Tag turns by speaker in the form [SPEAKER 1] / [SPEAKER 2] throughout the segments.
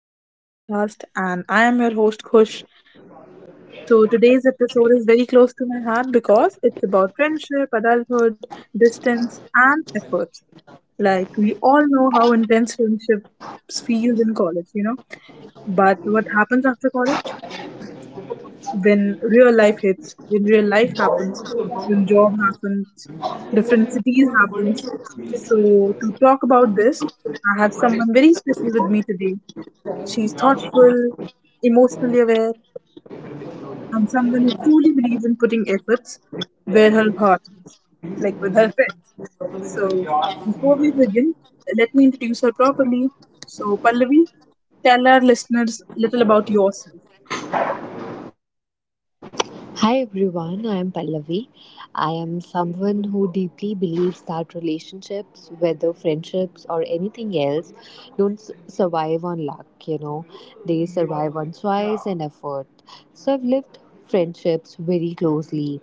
[SPEAKER 1] of our podcast, and I am your host Kush. So today's episode is very close to my heart because it's about friendship, adulthood, distance, and efforts. Like we all know how intense friendships feels in college. But what happens after college? When real life hits, when real life happens, when job happens, different cities happens. So to talk about this, I have someone very special with me today. She's thoughtful, emotionally aware, and someone who truly believes in putting efforts where her heart is, like with her friends. So,
[SPEAKER 2] Hi
[SPEAKER 1] before we begin, let me introduce her properly. So, Pallavi, tell our listeners a little about yourself.
[SPEAKER 2] everyone, I am Pallavi. I am someone who deeply believes that relationships, whether friendships or anything else, don't survive on luck, they survive on choice and effort. So I've lived friendships very closely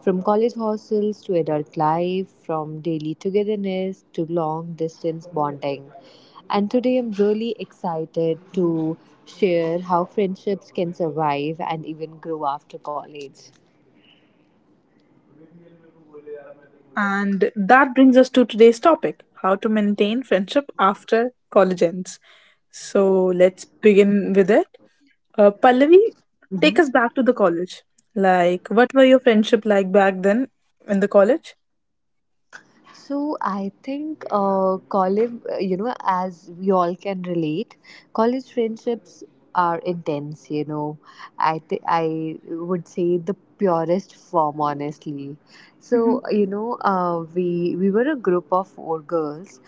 [SPEAKER 2] from college hostels to adult life, from daily togetherness to long distance bonding. And today I'm really excited to share how friendships can survive and even grow after college.
[SPEAKER 1] And that brings us to today's topic how to maintain friendship after college ends. So, let's begin with it. Pallavi,
[SPEAKER 2] hmm
[SPEAKER 1] take us back to the college. Like, what were your friendship like back then in the college?
[SPEAKER 2] So I think college, as we all can relate, college friendships are intense. I would say the purest form, honestly.
[SPEAKER 1] Mhm,
[SPEAKER 2] So you know, uh, we we were a group of four girls.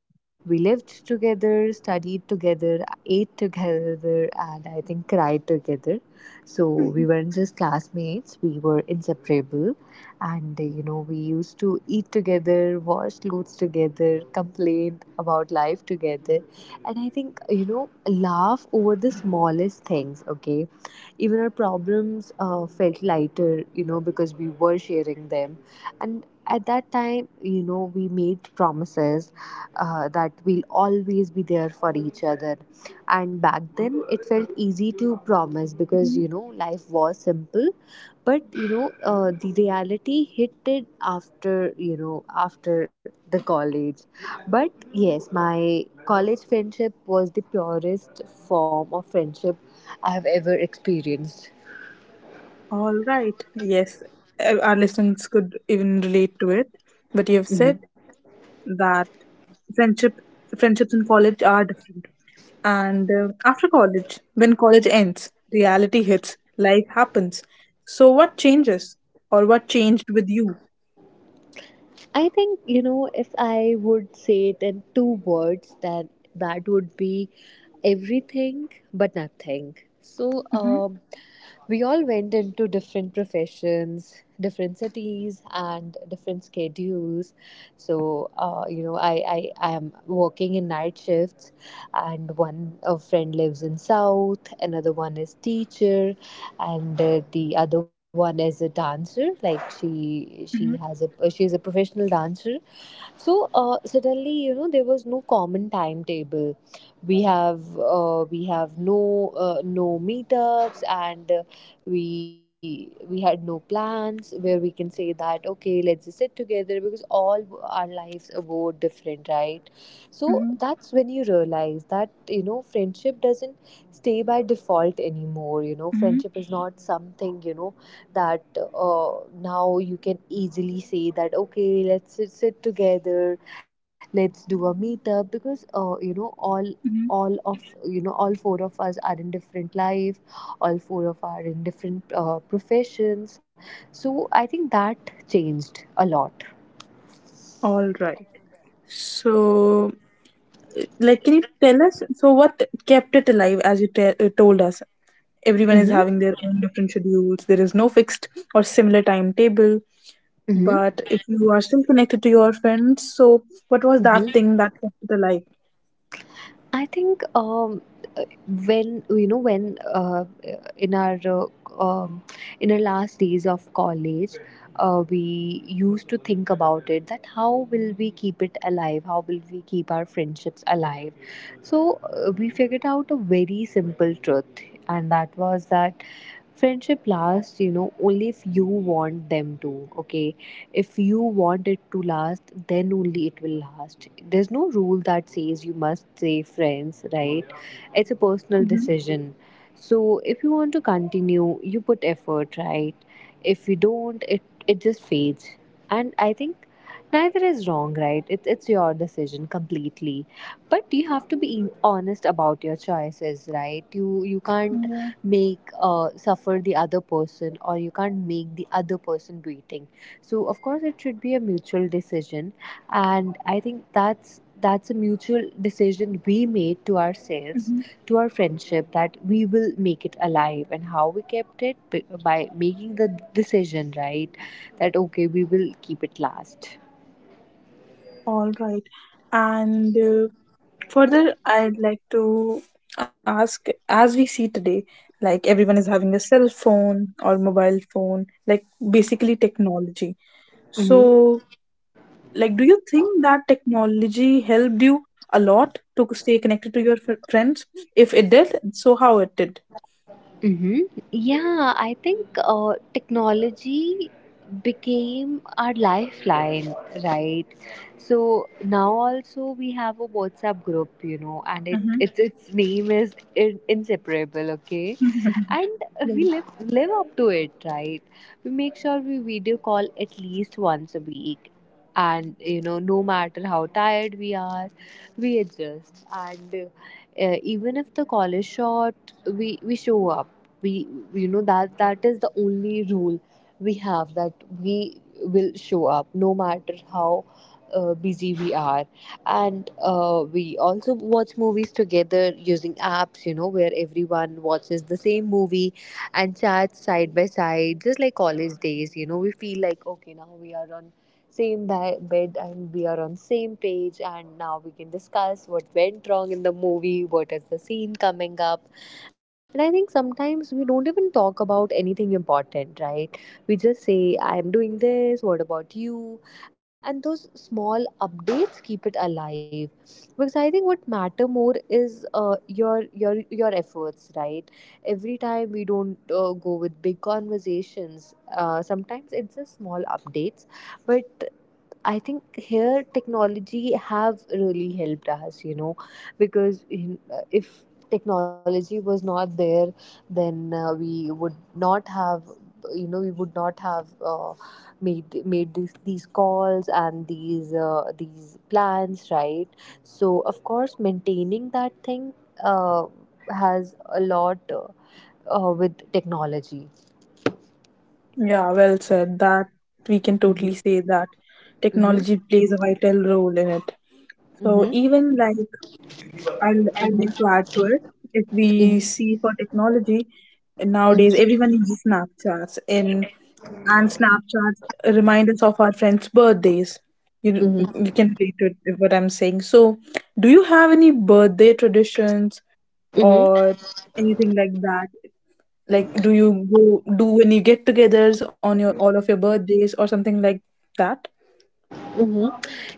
[SPEAKER 2] We lived together, studied together, ate together, and I think cried together. So we
[SPEAKER 1] mhm,
[SPEAKER 2] weren't just classmates, we were inseparable. And we used to eat together, wash clothes together, complain about life together. And I think, laugh over the smallest things, okay? Even our problems felt lighter, because we were sharing them. And at that time, we made promises that we'll always be there for each other. And back then, it felt easy to promise because,
[SPEAKER 1] mhm.
[SPEAKER 2] you know, life was simple, but the reality hit it after you know after the college. But yes, my college friendship was the purest form of friendship I have ever experienced.
[SPEAKER 1] All right. Yes, our listeners could even relate to it. But you have said
[SPEAKER 2] hmm
[SPEAKER 1] that friendship friendships in college are different. And after college, when college ends, reality hits, life happens. So what changes or what changed with you?
[SPEAKER 2] I think, if I would say it in two words, then that would be everything but nothing. So,
[SPEAKER 1] Mhm,
[SPEAKER 2] um, We all went into different professions, different cities, and different schedules. So, I am working in night shifts, and one a friend lives in South, another one is teacher, and the other one is a dancer. Like she she
[SPEAKER 1] mhm,
[SPEAKER 2] has a she's a professional dancer, so suddenly, there was no common timetable. We have no no meetups, and we had no plans where we can say that, okay, let's just sit together, because all our lives were different, right? So
[SPEAKER 1] mhm,
[SPEAKER 2] that's when you realize that friendship doesn't stay by default anymore.
[SPEAKER 1] mhm,
[SPEAKER 2] Friendship is not something that now you can easily say that, okay, let's sit together, let's do a meetup, because
[SPEAKER 1] mhm.
[SPEAKER 2] all of you know all four of us are in different life, all four of are in different professions. So I think that changed a lot.
[SPEAKER 1] All right. So, like, can you tell us? So, what kept it alive, as you told us? Everyone is
[SPEAKER 2] Mm-hmm.
[SPEAKER 1] having their own different schedules. There is no fixed or similar timetable.
[SPEAKER 2] Mm-hmm.
[SPEAKER 1] But if you are still connected to your friends, so what was that
[SPEAKER 2] Mm-hmm.
[SPEAKER 1] thing that kept it alive?
[SPEAKER 2] I think when you know when in our uh, um, in our last days of college, we used to think about it, that how will we keep it alive, how will we keep our friendships alive. So we figured out a very simple truth, and that was that friendship lasts, only if you want them to, okay? If you want it to last, then only it will last. There's no rule that says you must stay friends, right? It's a personal
[SPEAKER 1] Mm-hmm.
[SPEAKER 2] decision. So if you want to continue, you put effort, right? If you don't, it just fades. And I think neither is wrong, right? It's your decision completely. But you have to be honest about your choices, right? You can't make suffer the other person, or you can't make the other person waiting. So of course it should be a mutual decision. And I think that's a mutual decision we made to
[SPEAKER 1] Yeah.
[SPEAKER 2] ourselves, to our friendship, that we will make it alive. And how we kept it, by making the decision, right? That, okay, we will keep it last.
[SPEAKER 1] All right. And further, I'd like to ask as we see today, like everyone is having a cell phone or mobile phone, like basically technology.
[SPEAKER 2] Mhm.
[SPEAKER 1] So, like, do you think that technology helped you a lot to stay connected to your friends? If it did, so how it did?
[SPEAKER 2] hmm Yeah, I think technology became our lifeline, right? So now also we have a WhatsApp group, and it
[SPEAKER 1] Mhm.
[SPEAKER 2] its name is inseparable. Okay, and
[SPEAKER 1] Yeah,
[SPEAKER 2] we live up to it, right? We make sure we video call at least once a week, and no matter how tired we are, we adjust. And even if the call is short, we show up. We you know That is the only rule we have, that we will show up no matter how busy we are. And we also watch movies together using apps, where everyone watches the same movie and chats side by side, just like college days. We feel like, okay, now we are on same bed, and we are on same page, and now we can discuss what went wrong in the movie, what is the scene coming up. And I think sometimes we don't even talk about anything important, right? We just say, I'm doing this, what about you? And those small updates keep it alive, because I think what matter more is your efforts, right? Every time we don't go with big conversations, sometimes it's just small updates. But I think here technology have really helped us, because if technology was not there, then we would not have, you know, we would not have made these calls and these plans, right? So of course, maintaining that thing uh, has a lot with technology.
[SPEAKER 1] Yeah, well said. That we can totally say that
[SPEAKER 2] Mm-hmm.
[SPEAKER 1] technology plays a vital role in it. So
[SPEAKER 2] Mm-hmm.
[SPEAKER 1] even like I'd like to
[SPEAKER 2] Mm-hmm.
[SPEAKER 1] add to it, if we see for technology nowadays, everyone uses Snapchats, and Snapchat remind us of our friends' birthdays. You
[SPEAKER 2] Mm-hmm.
[SPEAKER 1] you can relate to it, what I'm saying. So, do you have any birthday traditions
[SPEAKER 2] Mm-hmm.
[SPEAKER 1] or anything like that? Like, do you go do when you get-togethers on your all of your birthdays or something like that?
[SPEAKER 2] hmm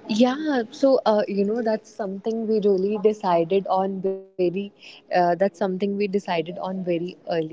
[SPEAKER 2] Yeah, so that's something we really decided on very. That's something we decided on very early.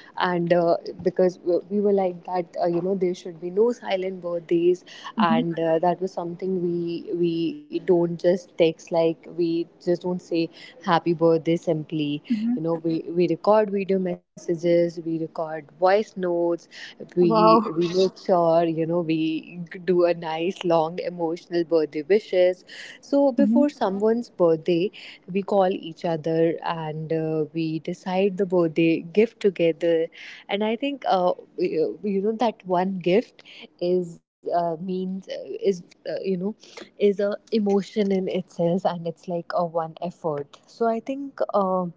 [SPEAKER 2] And because we were like that, there should be no silent birthdays.
[SPEAKER 1] Mm-hmm.
[SPEAKER 2] And that was something we don't just text, like we just don't say happy birthday simply.
[SPEAKER 1] Mm-hmm.
[SPEAKER 2] We record video messages, we record voice notes. we
[SPEAKER 1] Wow.
[SPEAKER 2] we make sure, we do a nice long emotional birthday wishes. So
[SPEAKER 1] Mm-hmm.
[SPEAKER 2] before someone's birthday, we call each other, and we decide the birthday gift together. And I think that one gift is means is you know is a emotion in itself, and it's like a one effort. So I think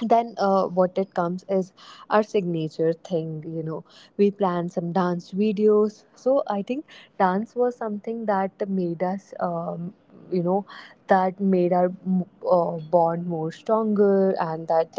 [SPEAKER 2] then what it comes is our signature thing. We plan some dance videos. So I think dance was something that made us, you know that made our bond more stronger, and that,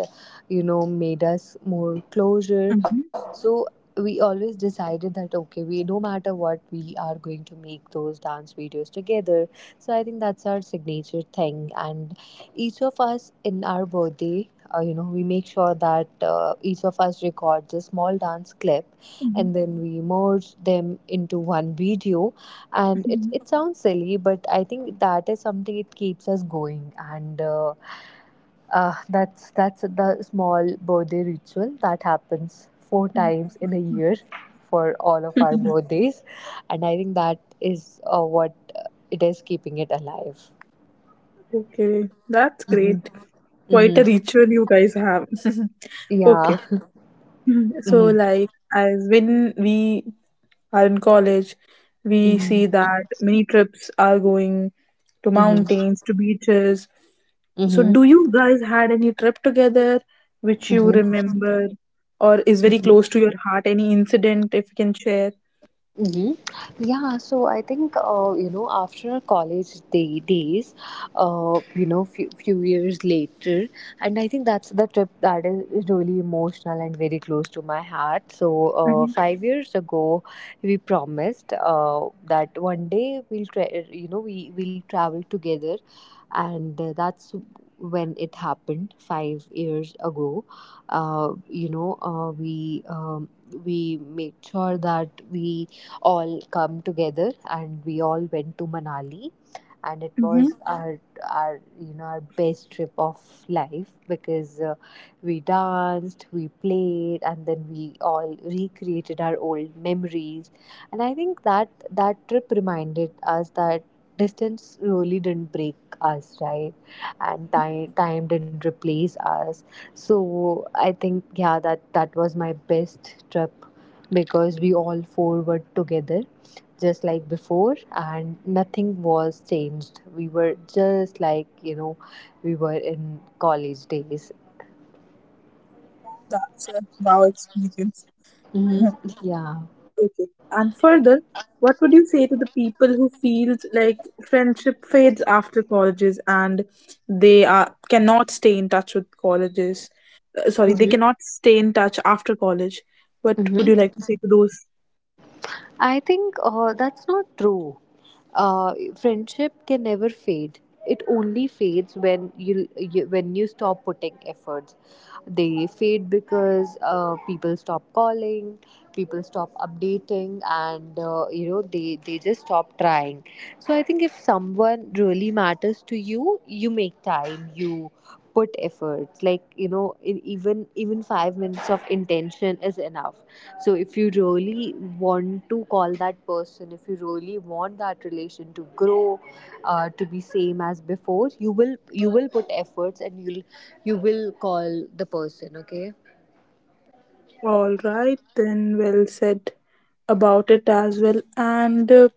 [SPEAKER 2] made us more closer.
[SPEAKER 1] Mm-hmm.
[SPEAKER 2] So we always decided that, okay, we no matter what, we are going to make those dance videos together. So I think that's our signature thing. And each of us in our birthday, we make sure that each of us records a small dance clip, and then we merge them into one video. And it,
[SPEAKER 1] Mm-hmm.
[SPEAKER 2] it sounds silly, but I think that is something, it keeps us going. And that's the small birthday ritual that happens four times in a year, for all of our birthdays. And I think that is what, it is keeping it alive.
[SPEAKER 1] Okay, that's
[SPEAKER 2] Hmm.
[SPEAKER 1] great. Quite
[SPEAKER 2] Hmm.
[SPEAKER 1] a ritual you guys have.
[SPEAKER 2] Yeah.
[SPEAKER 1] Okay, Mhm. so
[SPEAKER 2] Hmm.
[SPEAKER 1] like as when we are in college, we
[SPEAKER 2] Hmm.
[SPEAKER 1] see that many trips are going to
[SPEAKER 2] Hmm.
[SPEAKER 1] mountains, to beaches. So
[SPEAKER 2] Hmm.
[SPEAKER 1] do you guys had any trip together which you
[SPEAKER 2] Mhm,
[SPEAKER 1] remember or is very close to
[SPEAKER 2] mhm,
[SPEAKER 1] your heart? Any incident if you can share?
[SPEAKER 2] mhm. Yeah, so I think after college days, few years later, and I think that's the trip that is really emotional and very close to my heart. So
[SPEAKER 1] Mm-hmm.
[SPEAKER 2] 5 years ago, we promised that one day we'll we will travel together. And that's when it happened, 5 years ago. uh, you know uh, we um, we made sure that we all come together, and we all went to Manali. And it
[SPEAKER 1] Mm-hmm.
[SPEAKER 2] was our best trip of life, because we danced, we played, and then we all recreated our old memories. And I think that that trip reminded us that distance really didn't break us, right? And time didn't replace us. So I think, yeah, that that was my best trip, because we all four were together, just like before, and nothing was changed. We were just like, we were in college days.
[SPEAKER 1] That's a wow experience.
[SPEAKER 2] Hmm. Yeah.
[SPEAKER 1] Okay. And further, what would you say to the people who feels like friendship fades after colleges and they are cannot stay in touch with colleges? Sorry, they cannot stay in touch after college. What would you
[SPEAKER 2] Mm-hmm.
[SPEAKER 1] like to say to those?
[SPEAKER 2] I think that's not true. Friendship can never fade. It only fades when you stop putting efforts. They fade because people stop calling, people stop updating, and they just stop trying. So I think if someone really matters to you, you make time. You put efforts. Even 5 minutes of intention is enough. So, if you really want to call that person, if you really want that relation to grow, to be same as before, you will put efforts, and you will call the person. Okay.
[SPEAKER 1] All right, then well said about it as well. And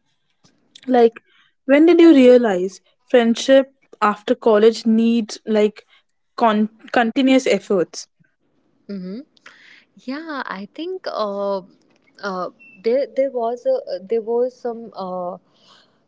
[SPEAKER 1] like, when did you realize friendship after college needs like continuous efforts?
[SPEAKER 2] Mm-hmm. Yeah, I think uh, there there was a, there was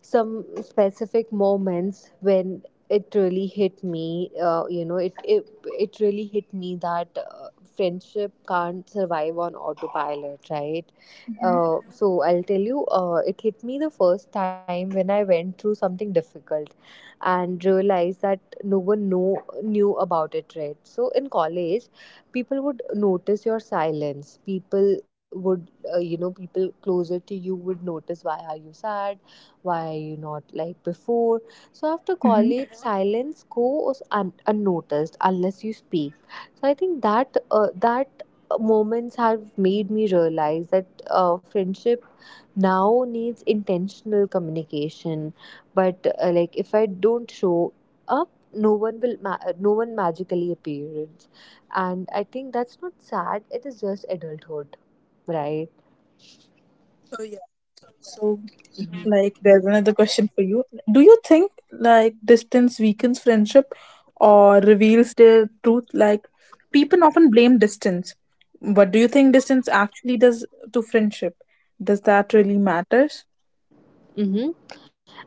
[SPEAKER 2] some specific moments when it really hit me. It really hit me that friendship can't survive on autopilot, right?
[SPEAKER 1] Mm-hmm.
[SPEAKER 2] So I'll tell you, it hit me the first time when I went through something difficult and realized that no one know, knew about it, right? So in college, people would notice your silence. People would, people closer to you would notice why are you sad? Why are you not like before? So after
[SPEAKER 1] Mm-hmm.
[SPEAKER 2] college, silence goes unnoticed unless you speak. So I think that that moments have made me realize that friendship now needs intentional communication, but like if I don't show up, no one magically appears. And I think that's not sad, it is just adulthood, right?
[SPEAKER 1] So,
[SPEAKER 2] Mm-hmm.
[SPEAKER 1] like, there's another question for you. Do you think like distance weakens friendship or reveals their truth? Like, people often blame distance, but do you think distance actually does to friendship? Does that really matters?
[SPEAKER 2] Mm-hmm.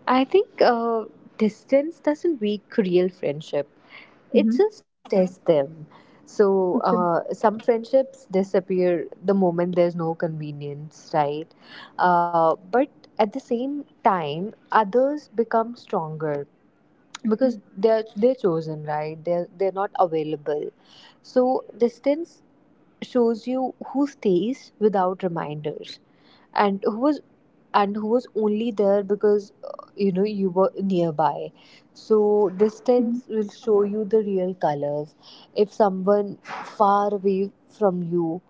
[SPEAKER 2] I think distance doesn't weak real friendship,
[SPEAKER 1] Mm-hmm.
[SPEAKER 2] it just tests them. So
[SPEAKER 1] Okay.
[SPEAKER 2] some friendships disappear the moment there's no convenience, right? But at the same time others become stronger
[SPEAKER 1] Mhm.
[SPEAKER 2] because they're chosen, right? They're not available. So distance shows you who stays without reminders, and who was, and who was only there because you were nearby. So
[SPEAKER 1] Mhm.
[SPEAKER 2] distance will show you the real colors. If someone far away from you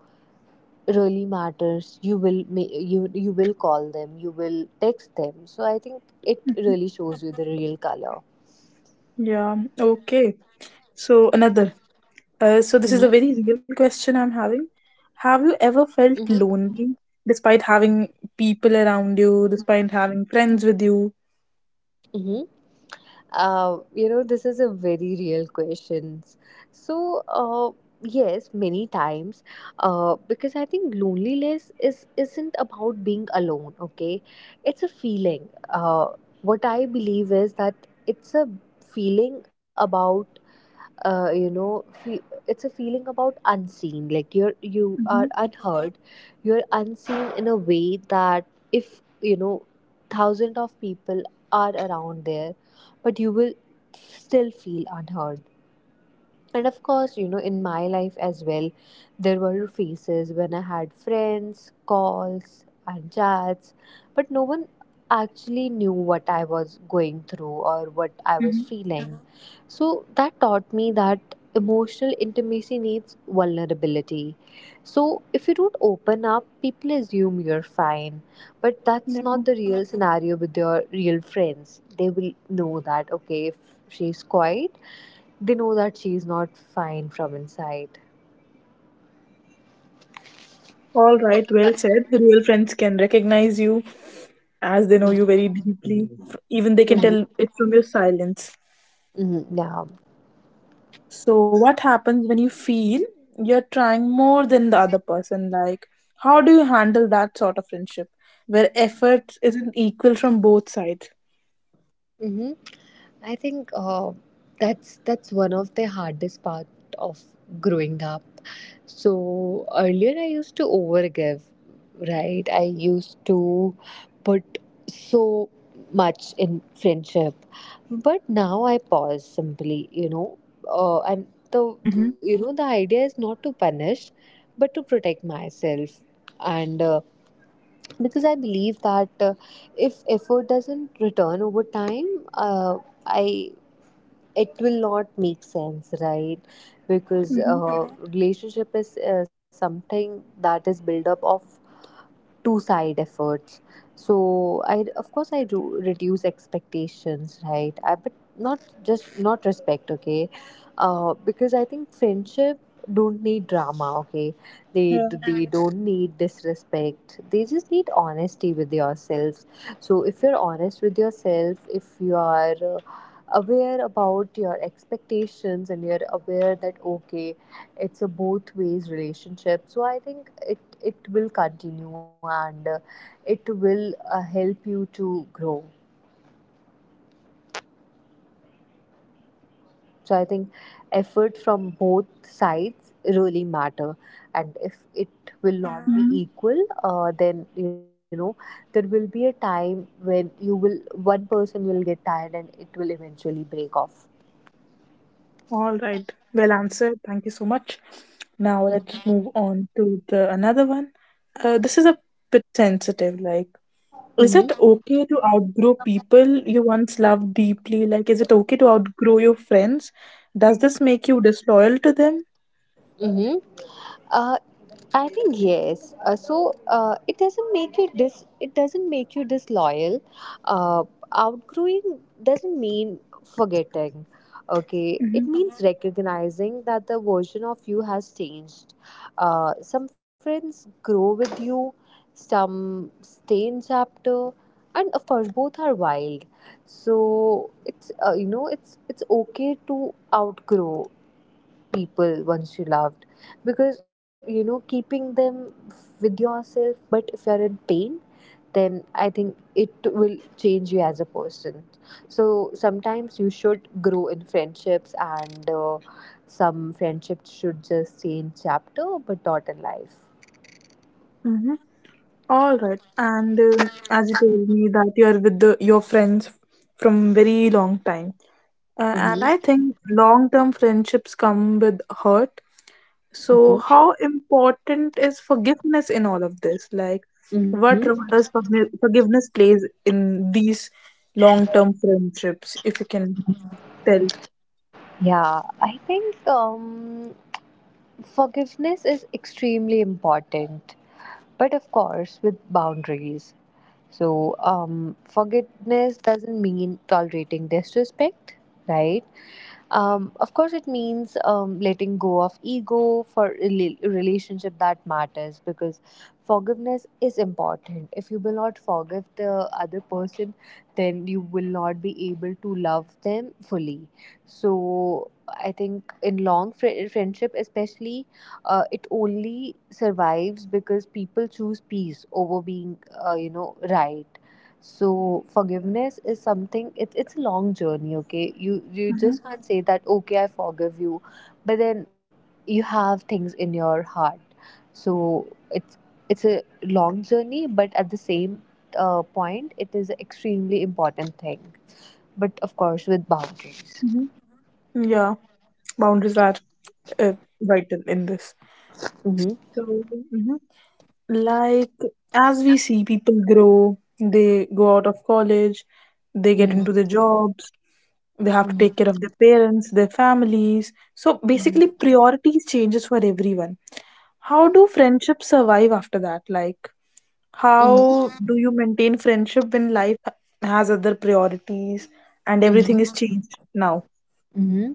[SPEAKER 2] really matters, you you will call them, you will text them. So I think it
[SPEAKER 1] Mhm.
[SPEAKER 2] really shows you the real color.
[SPEAKER 1] Yeah. Okay. So another. So this is a
[SPEAKER 2] Mm-hmm.
[SPEAKER 1] very real question I'm having. Have you ever
[SPEAKER 2] Mm-hmm.
[SPEAKER 1] felt lonely despite having people around you, despite having friends with you?
[SPEAKER 2] This is a very real question. So, uh, yes, many times, because I think loneliness is isn't about being alone. Okay, it's a feeling. What I believe is that it's a feeling about uh, you know fe- it's a feeling about unseen, like you are
[SPEAKER 1] Mhm,
[SPEAKER 2] unheard, you're unseen in a way that if you know thousands of people are around there, but you will still feel unheard. And of course, you know, in my life as well, there were phases when I had friends, calls, and chats, but no one actually knew what I was going through or what I was
[SPEAKER 1] mhm.
[SPEAKER 2] feeling. Mhm. So that taught me that emotional intimacy needs vulnerability. So if you don't open up, people assume you're fine, but that's
[SPEAKER 1] Definitely.
[SPEAKER 2] not the real scenario with your real friends. They will know that, okay, if she's quiet, they know that she's not fine from inside.
[SPEAKER 1] All right, well said. Real friends can recognize you as they know you
[SPEAKER 2] Mhm.
[SPEAKER 1] very deeply. Even they can tell
[SPEAKER 2] Mhm.
[SPEAKER 1] it from your silence.
[SPEAKER 2] Yeah.
[SPEAKER 1] So, what happens when you feel you're trying more than the other person? Like, how do you handle that sort of friendship where effort isn't equal from both sides?
[SPEAKER 2] Hmm. I think that's one of the hardest part of growing up. So earlier I used to overgive, right? I used to put so much in friendship, but now I pause simply, you know, and the, you
[SPEAKER 1] Mhm,
[SPEAKER 2] know, the idea is not to punish, but to protect myself. And. Because I believe that if effort doesn't return over time, uh, I it will not make sense, right? Because
[SPEAKER 1] mhm.
[SPEAKER 2] relationship is something that is built up of two side efforts. So I, of course I do reduce expectations, right? I, but not just not respect, okay. Because I think friendship don't need drama, okay. they
[SPEAKER 1] Yeah,
[SPEAKER 2] they don't need disrespect, they just need honesty with yourselves. So if you're honest with yourself, if you are aware about your expectations and you're aware that okay, it's a both ways relationship, so I think it it will continue, and it will help you to grow.
[SPEAKER 1] all right, all right.
[SPEAKER 2] So I think
[SPEAKER 1] So, this
[SPEAKER 2] effort from
[SPEAKER 1] question.
[SPEAKER 2] both sides really matter, and if it will
[SPEAKER 1] Mhm.
[SPEAKER 2] not be equal, then you know there will be a time when you will one person will get tired and it will eventually break off.
[SPEAKER 1] All right. Well answered. Thank you so much. Now let's move on to the another one. This is a bit sensitive. Like, is it
[SPEAKER 2] Mm-hmm.
[SPEAKER 1] okay to outgrow people you once loved deeply? Like, is it okay to outgrow your friends? Does this make you disloyal to them?
[SPEAKER 2] Mm-hmm. I think yes. It doesn't make you dis. It doesn't make you disloyal. Uh, Outgrowing doesn't mean forgetting. Okay, it
[SPEAKER 1] Mm-hmm.
[SPEAKER 2] means recognizing that the version of you has changed. Some friends grow with you, some stay in chapter, and of course both are wild. So it's it's okay to outgrow people once you loved, because you know keeping them with yourself but if you're in pain, then I think it will change you as a person. So sometimes you should grow in friendships, and some friendships should just change chapter but not in life.
[SPEAKER 1] Mm-hmm. All right. And as you told me that you are with your friends from very long time. And I
[SPEAKER 2] Mm-hmm.
[SPEAKER 1] think long term friendships come with hurt. So,
[SPEAKER 2] Mm-hmm.
[SPEAKER 1] how important is forgiveness in all of this? Like,
[SPEAKER 2] Mm-hmm.
[SPEAKER 1] what role does forgiveness plays in these long term friendships? If you can tell.
[SPEAKER 2] Yeah, I think forgiveness is extremely important, but of course, with boundaries. So, forgiveness doesn't mean tolerating disrespect, right? Of course, it means letting go of ego for a relationship that matters, because forgiveness is important. If you will not forgive the other person, then you will not be able to love them fully. So, I think in long friendship, especially, it only survives because people choose peace over being, right. So forgiveness is something, it's a long journey, okay? You
[SPEAKER 1] Hmm
[SPEAKER 2] just can't say that, okay, I forgive you, but then you have things in your heart. So it's a long journey, but at the same point, it is an extremely important thing. But of course, with boundaries.
[SPEAKER 1] hmm Yeah, boundaries are uh, vital in this.
[SPEAKER 2] Mm-hmm.
[SPEAKER 1] So, mhm. like as we see people grow, they go out of college, they get into the
[SPEAKER 2] Mm-hmm.
[SPEAKER 1] jobs, they have to take care of their parents, their families. So basically
[SPEAKER 2] Mm-hmm.
[SPEAKER 1] priorities changes for everyone. How do friendships survive after that? Like
[SPEAKER 2] Mm-hmm.
[SPEAKER 1] how do you maintain friendship when life has other priorities and everything
[SPEAKER 2] Mm-hmm.
[SPEAKER 1] is changed now?
[SPEAKER 2] Mm-hmm.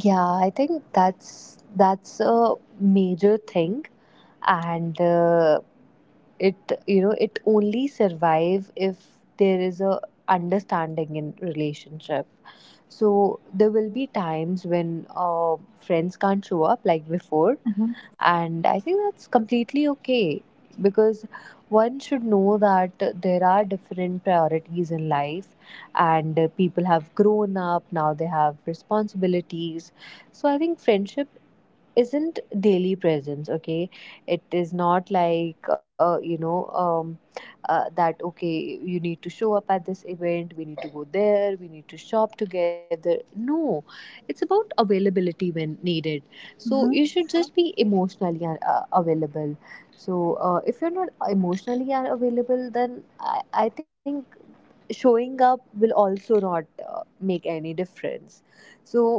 [SPEAKER 2] Yeah, I think that's a major thing, and it you know it only survive if there is a understanding in relationship. So there will be times when friends can't show up like before,
[SPEAKER 1] Mm-hmm.
[SPEAKER 2] and I think that's completely okay, because one should know that there are different priorities in life, and people have grown up now, they have responsibilities. So I think friendship isn't daily presence, okay. It is not like that okay, you need to show up at this event, we need to go there, we need to shop together. No, it's about availability when needed. So you
[SPEAKER 1] Mm-hmm.
[SPEAKER 2] should just be emotionally available. So if you're not emotionally available, I think showing up will also not make any difference. So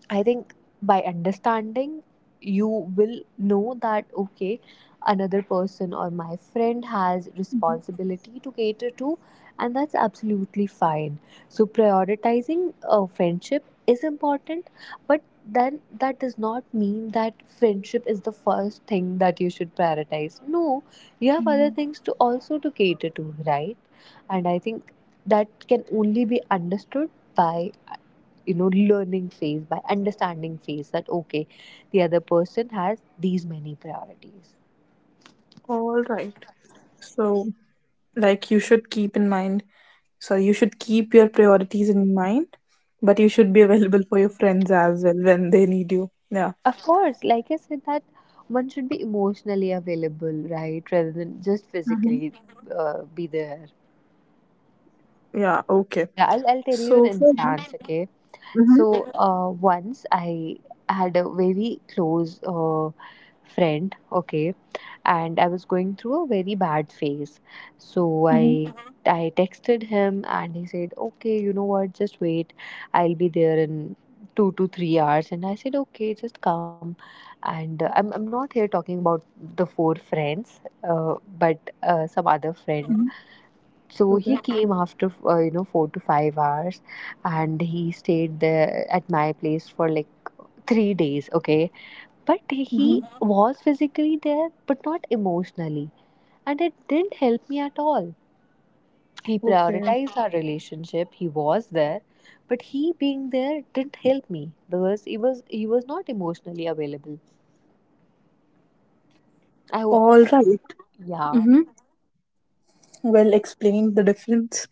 [SPEAKER 2] I think by understanding, you will know that okay, another person or my friend has responsibility to cater to, and that's absolutely fine. So, prioritizing a friendship is important, but then that does not mean that friendship is the first thing that you should prioritize. No, you have
[SPEAKER 1] Mm-hmm.
[SPEAKER 2] other things to also to cater to, right? And I think that can only be understood by you know learning phase, by understanding phase, that okay, the other person has these many priorities.
[SPEAKER 1] right. So like you should keep in mind sorry you should keep your priorities in mind but you should be available for your friends as well when they need you yeah
[SPEAKER 2] Of course, like I said that one should be emotionally available, right, rather than
[SPEAKER 1] Mm-hmm.
[SPEAKER 2] just physically be there.
[SPEAKER 1] yeah okay
[SPEAKER 2] Yeah, I'll
[SPEAKER 1] so
[SPEAKER 2] tell
[SPEAKER 1] for
[SPEAKER 2] you an
[SPEAKER 1] this
[SPEAKER 2] instance, okay.
[SPEAKER 1] mm-hmm,
[SPEAKER 2] So once I had a very close friend, okay, and I was going through a very bad phase.
[SPEAKER 1] mm-hmm,
[SPEAKER 2] So I Mhm. I texted him and he said, "Okay, you know what? Just wait. I'll be there in 2 to 3 hours." And I said, "Okay, just come." And I'm not here talking about the four friends, uh, but some other friend.
[SPEAKER 1] hmm
[SPEAKER 2] Mhm. So
[SPEAKER 1] okay
[SPEAKER 2] he came after 4 to 5 hours, and he stayed there at my place for like 3 days, okay? But
[SPEAKER 1] mm-hmm,
[SPEAKER 2] he Mhm. was physically there but not emotionally, and it didn't help me at all. He
[SPEAKER 1] okay
[SPEAKER 2] prioritized our relationship. He was there, but he being there didn't help me because he was not emotionally available. I hope,
[SPEAKER 1] all right
[SPEAKER 2] yeah.
[SPEAKER 1] mm-hmm. well explain the difference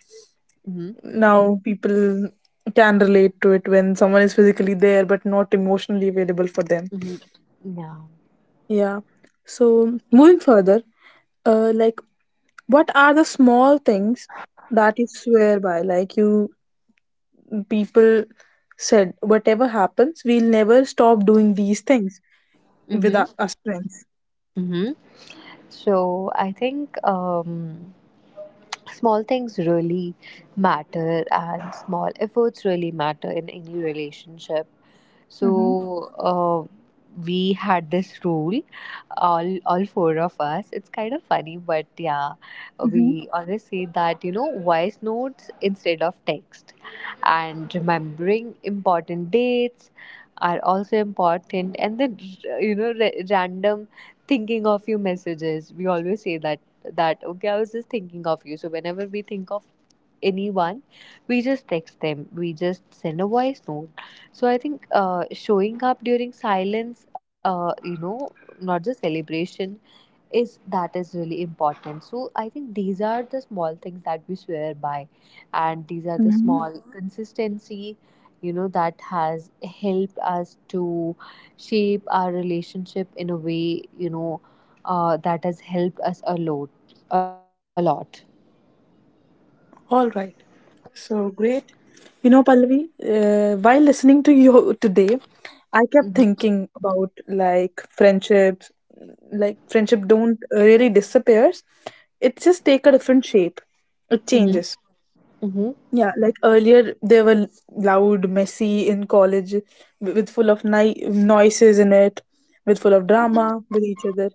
[SPEAKER 2] Mm-hmm.
[SPEAKER 1] now people can relate to it when someone is physically there but not emotionally available for
[SPEAKER 2] Mm-hmm.
[SPEAKER 1] them
[SPEAKER 2] Yeah.
[SPEAKER 1] yeah so moving further like what are the small things that you swear by like you people said whatever happens we'll never stop doing these things with
[SPEAKER 2] Mm-hmm.
[SPEAKER 1] us friends
[SPEAKER 2] Mm-hmm. So I think small things really matter, and small efforts really matter in any relationship. So
[SPEAKER 1] Mm-hmm.
[SPEAKER 2] we had this rule, all four of us. It's kind of funny, but yeah,
[SPEAKER 1] Mm-hmm.
[SPEAKER 2] we always say that you know voice notes instead of text, and remembering important dates are also important. And then you know random thinking of you messages. We always say that okay, I was just thinking of you. So whenever we think of anyone, we just text them, we just send a voice note. So I think showing up during silence, not just celebration, is really important. So I think these are the small things that we swear by, and these are the
[SPEAKER 1] Mm-hmm.
[SPEAKER 2] small consistency, you know, that has helped us to shape our relationship in a way, you know, that has helped us a lot, a lot.
[SPEAKER 1] all right so great you know pallavi while listening to you today I kept
[SPEAKER 2] Mm-hmm.
[SPEAKER 1] thinking about like friendships like friendship don't really disappears it just take a different shape it
[SPEAKER 2] Mm-hmm.
[SPEAKER 1] changes
[SPEAKER 2] Mm-hmm.
[SPEAKER 1] Yeah, like earlier they were loud, messy in college, with full of noises in it, with full of drama with each other.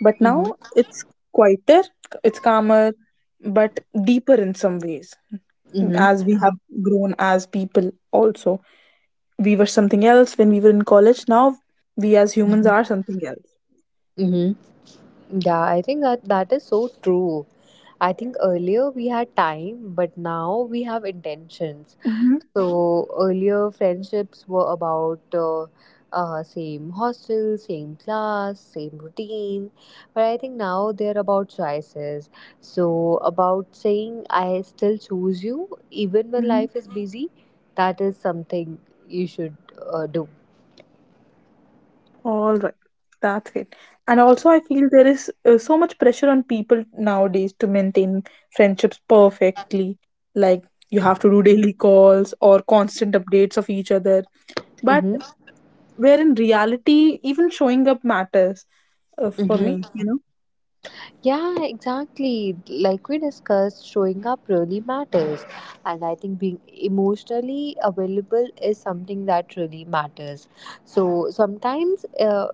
[SPEAKER 1] But
[SPEAKER 2] Mm-hmm.
[SPEAKER 1] now it's quieter, it's calmer, but deeper in some ways. As we have grown as people, also we were something else when we were in college. Now we as humans
[SPEAKER 2] Mm-hmm.
[SPEAKER 1] are something else.
[SPEAKER 2] Mm-hmm. Yeah, I think that that is so true. I think earlier we had time, but now we have intentions.
[SPEAKER 1] Mm-hmm.
[SPEAKER 2] So earlier friendships were about same hostel, same class, same routine. But I think now they're about choices. So about saying I still choose you even when life is busy, that is something you should do.
[SPEAKER 1] All right, that's great. And also, I feel there is so much pressure on people nowadays to maintain friendships perfectly. Like, you have to do daily calls or constant updates of each other. But
[SPEAKER 2] Mm-hmm.
[SPEAKER 1] where in reality, even showing up matters for
[SPEAKER 2] Mm-hmm.
[SPEAKER 1] me, you know?
[SPEAKER 2] Yeah, exactly. Like we discussed, showing up really matters. And I think being emotionally available is something that really matters. So sometimes, uh,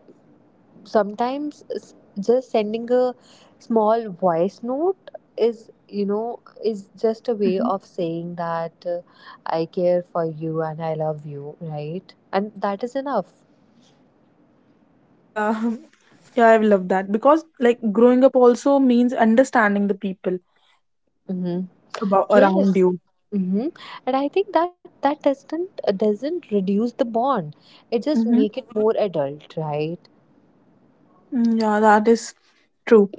[SPEAKER 2] sometimes s- just sending a small voice note is, you know, is just a way
[SPEAKER 1] Mhm.
[SPEAKER 2] of saying that I care for you and I love you, right? And that is enough.
[SPEAKER 1] Yeah, yeah, I love that because like growing up also means understanding the people
[SPEAKER 2] Mm-hmm.
[SPEAKER 1] about around
[SPEAKER 2] Yes.
[SPEAKER 1] you.
[SPEAKER 2] Hmm. And I think that doesn't reduce the bond. It just
[SPEAKER 1] Mm-hmm.
[SPEAKER 2] make it more adult, right?
[SPEAKER 1] Yeah, that is true.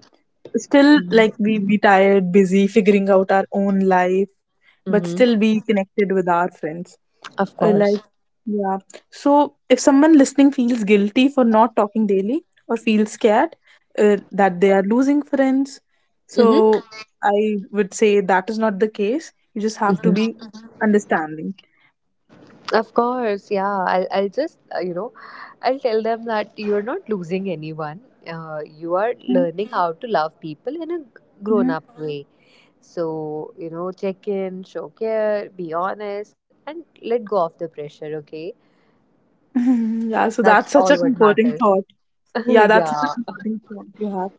[SPEAKER 1] Still like
[SPEAKER 2] Mm-hmm.
[SPEAKER 1] we be tired, busy, figuring out our own life, but still
[SPEAKER 2] Mm-hmm.
[SPEAKER 1] be connected with our friends.
[SPEAKER 2] Of
[SPEAKER 1] Like,
[SPEAKER 2] course.
[SPEAKER 1] yeah. So if someone listening feels guilty for not talking daily or feels scared that they are losing friends, so
[SPEAKER 2] Mm-hmm.
[SPEAKER 1] I would say that is not the case. You just have to
[SPEAKER 2] Hmm.
[SPEAKER 1] be understanding.
[SPEAKER 2] Of course. Yeah. I'll just I'll tell them that you're not losing anyone. You are
[SPEAKER 1] Mhm,
[SPEAKER 2] learning how to love people in a grown
[SPEAKER 1] mhm.
[SPEAKER 2] up way. So you know, check in, show care, be honest, and let go of the pressure. Okay,
[SPEAKER 1] yeah, so
[SPEAKER 2] that's
[SPEAKER 1] that's
[SPEAKER 2] all
[SPEAKER 1] such a
[SPEAKER 2] what
[SPEAKER 1] comforting
[SPEAKER 2] matters.
[SPEAKER 1] thought. Yeah, that's such a
[SPEAKER 2] Yeah.
[SPEAKER 1] comforting thought you have.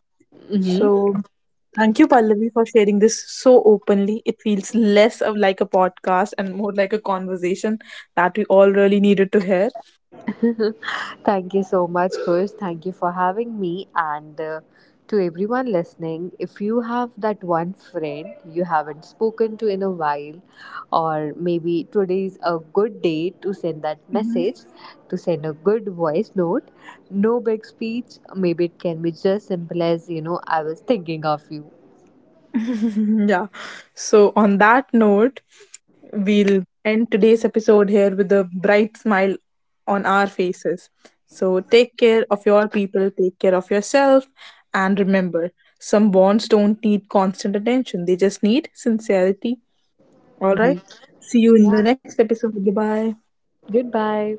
[SPEAKER 2] Mm-hmm.
[SPEAKER 1] So Thank you, Pallavi, for sharing this so openly. It feels less of like a podcast and more like a conversation that we all really needed to hear.
[SPEAKER 2] Thank you so much, Kush. Thank you for having me. And to everyone listening, if you have that one friend you haven't spoken to in a while, or maybe today's a good day to send that message, to send a good voice note, no big speech. Maybe it can be just simple as, you know, I was thinking of you.
[SPEAKER 1] Mhm. yeah. So, on that note, we'll end today's episode here with a bright smile on our faces. So, take care of your people, take care of yourself, and remember some bonds don't need constant attention, they just need sincerity. All right.
[SPEAKER 2] Hmm.
[SPEAKER 1] See you in the next episode. Bye bye.
[SPEAKER 2] Goodbye.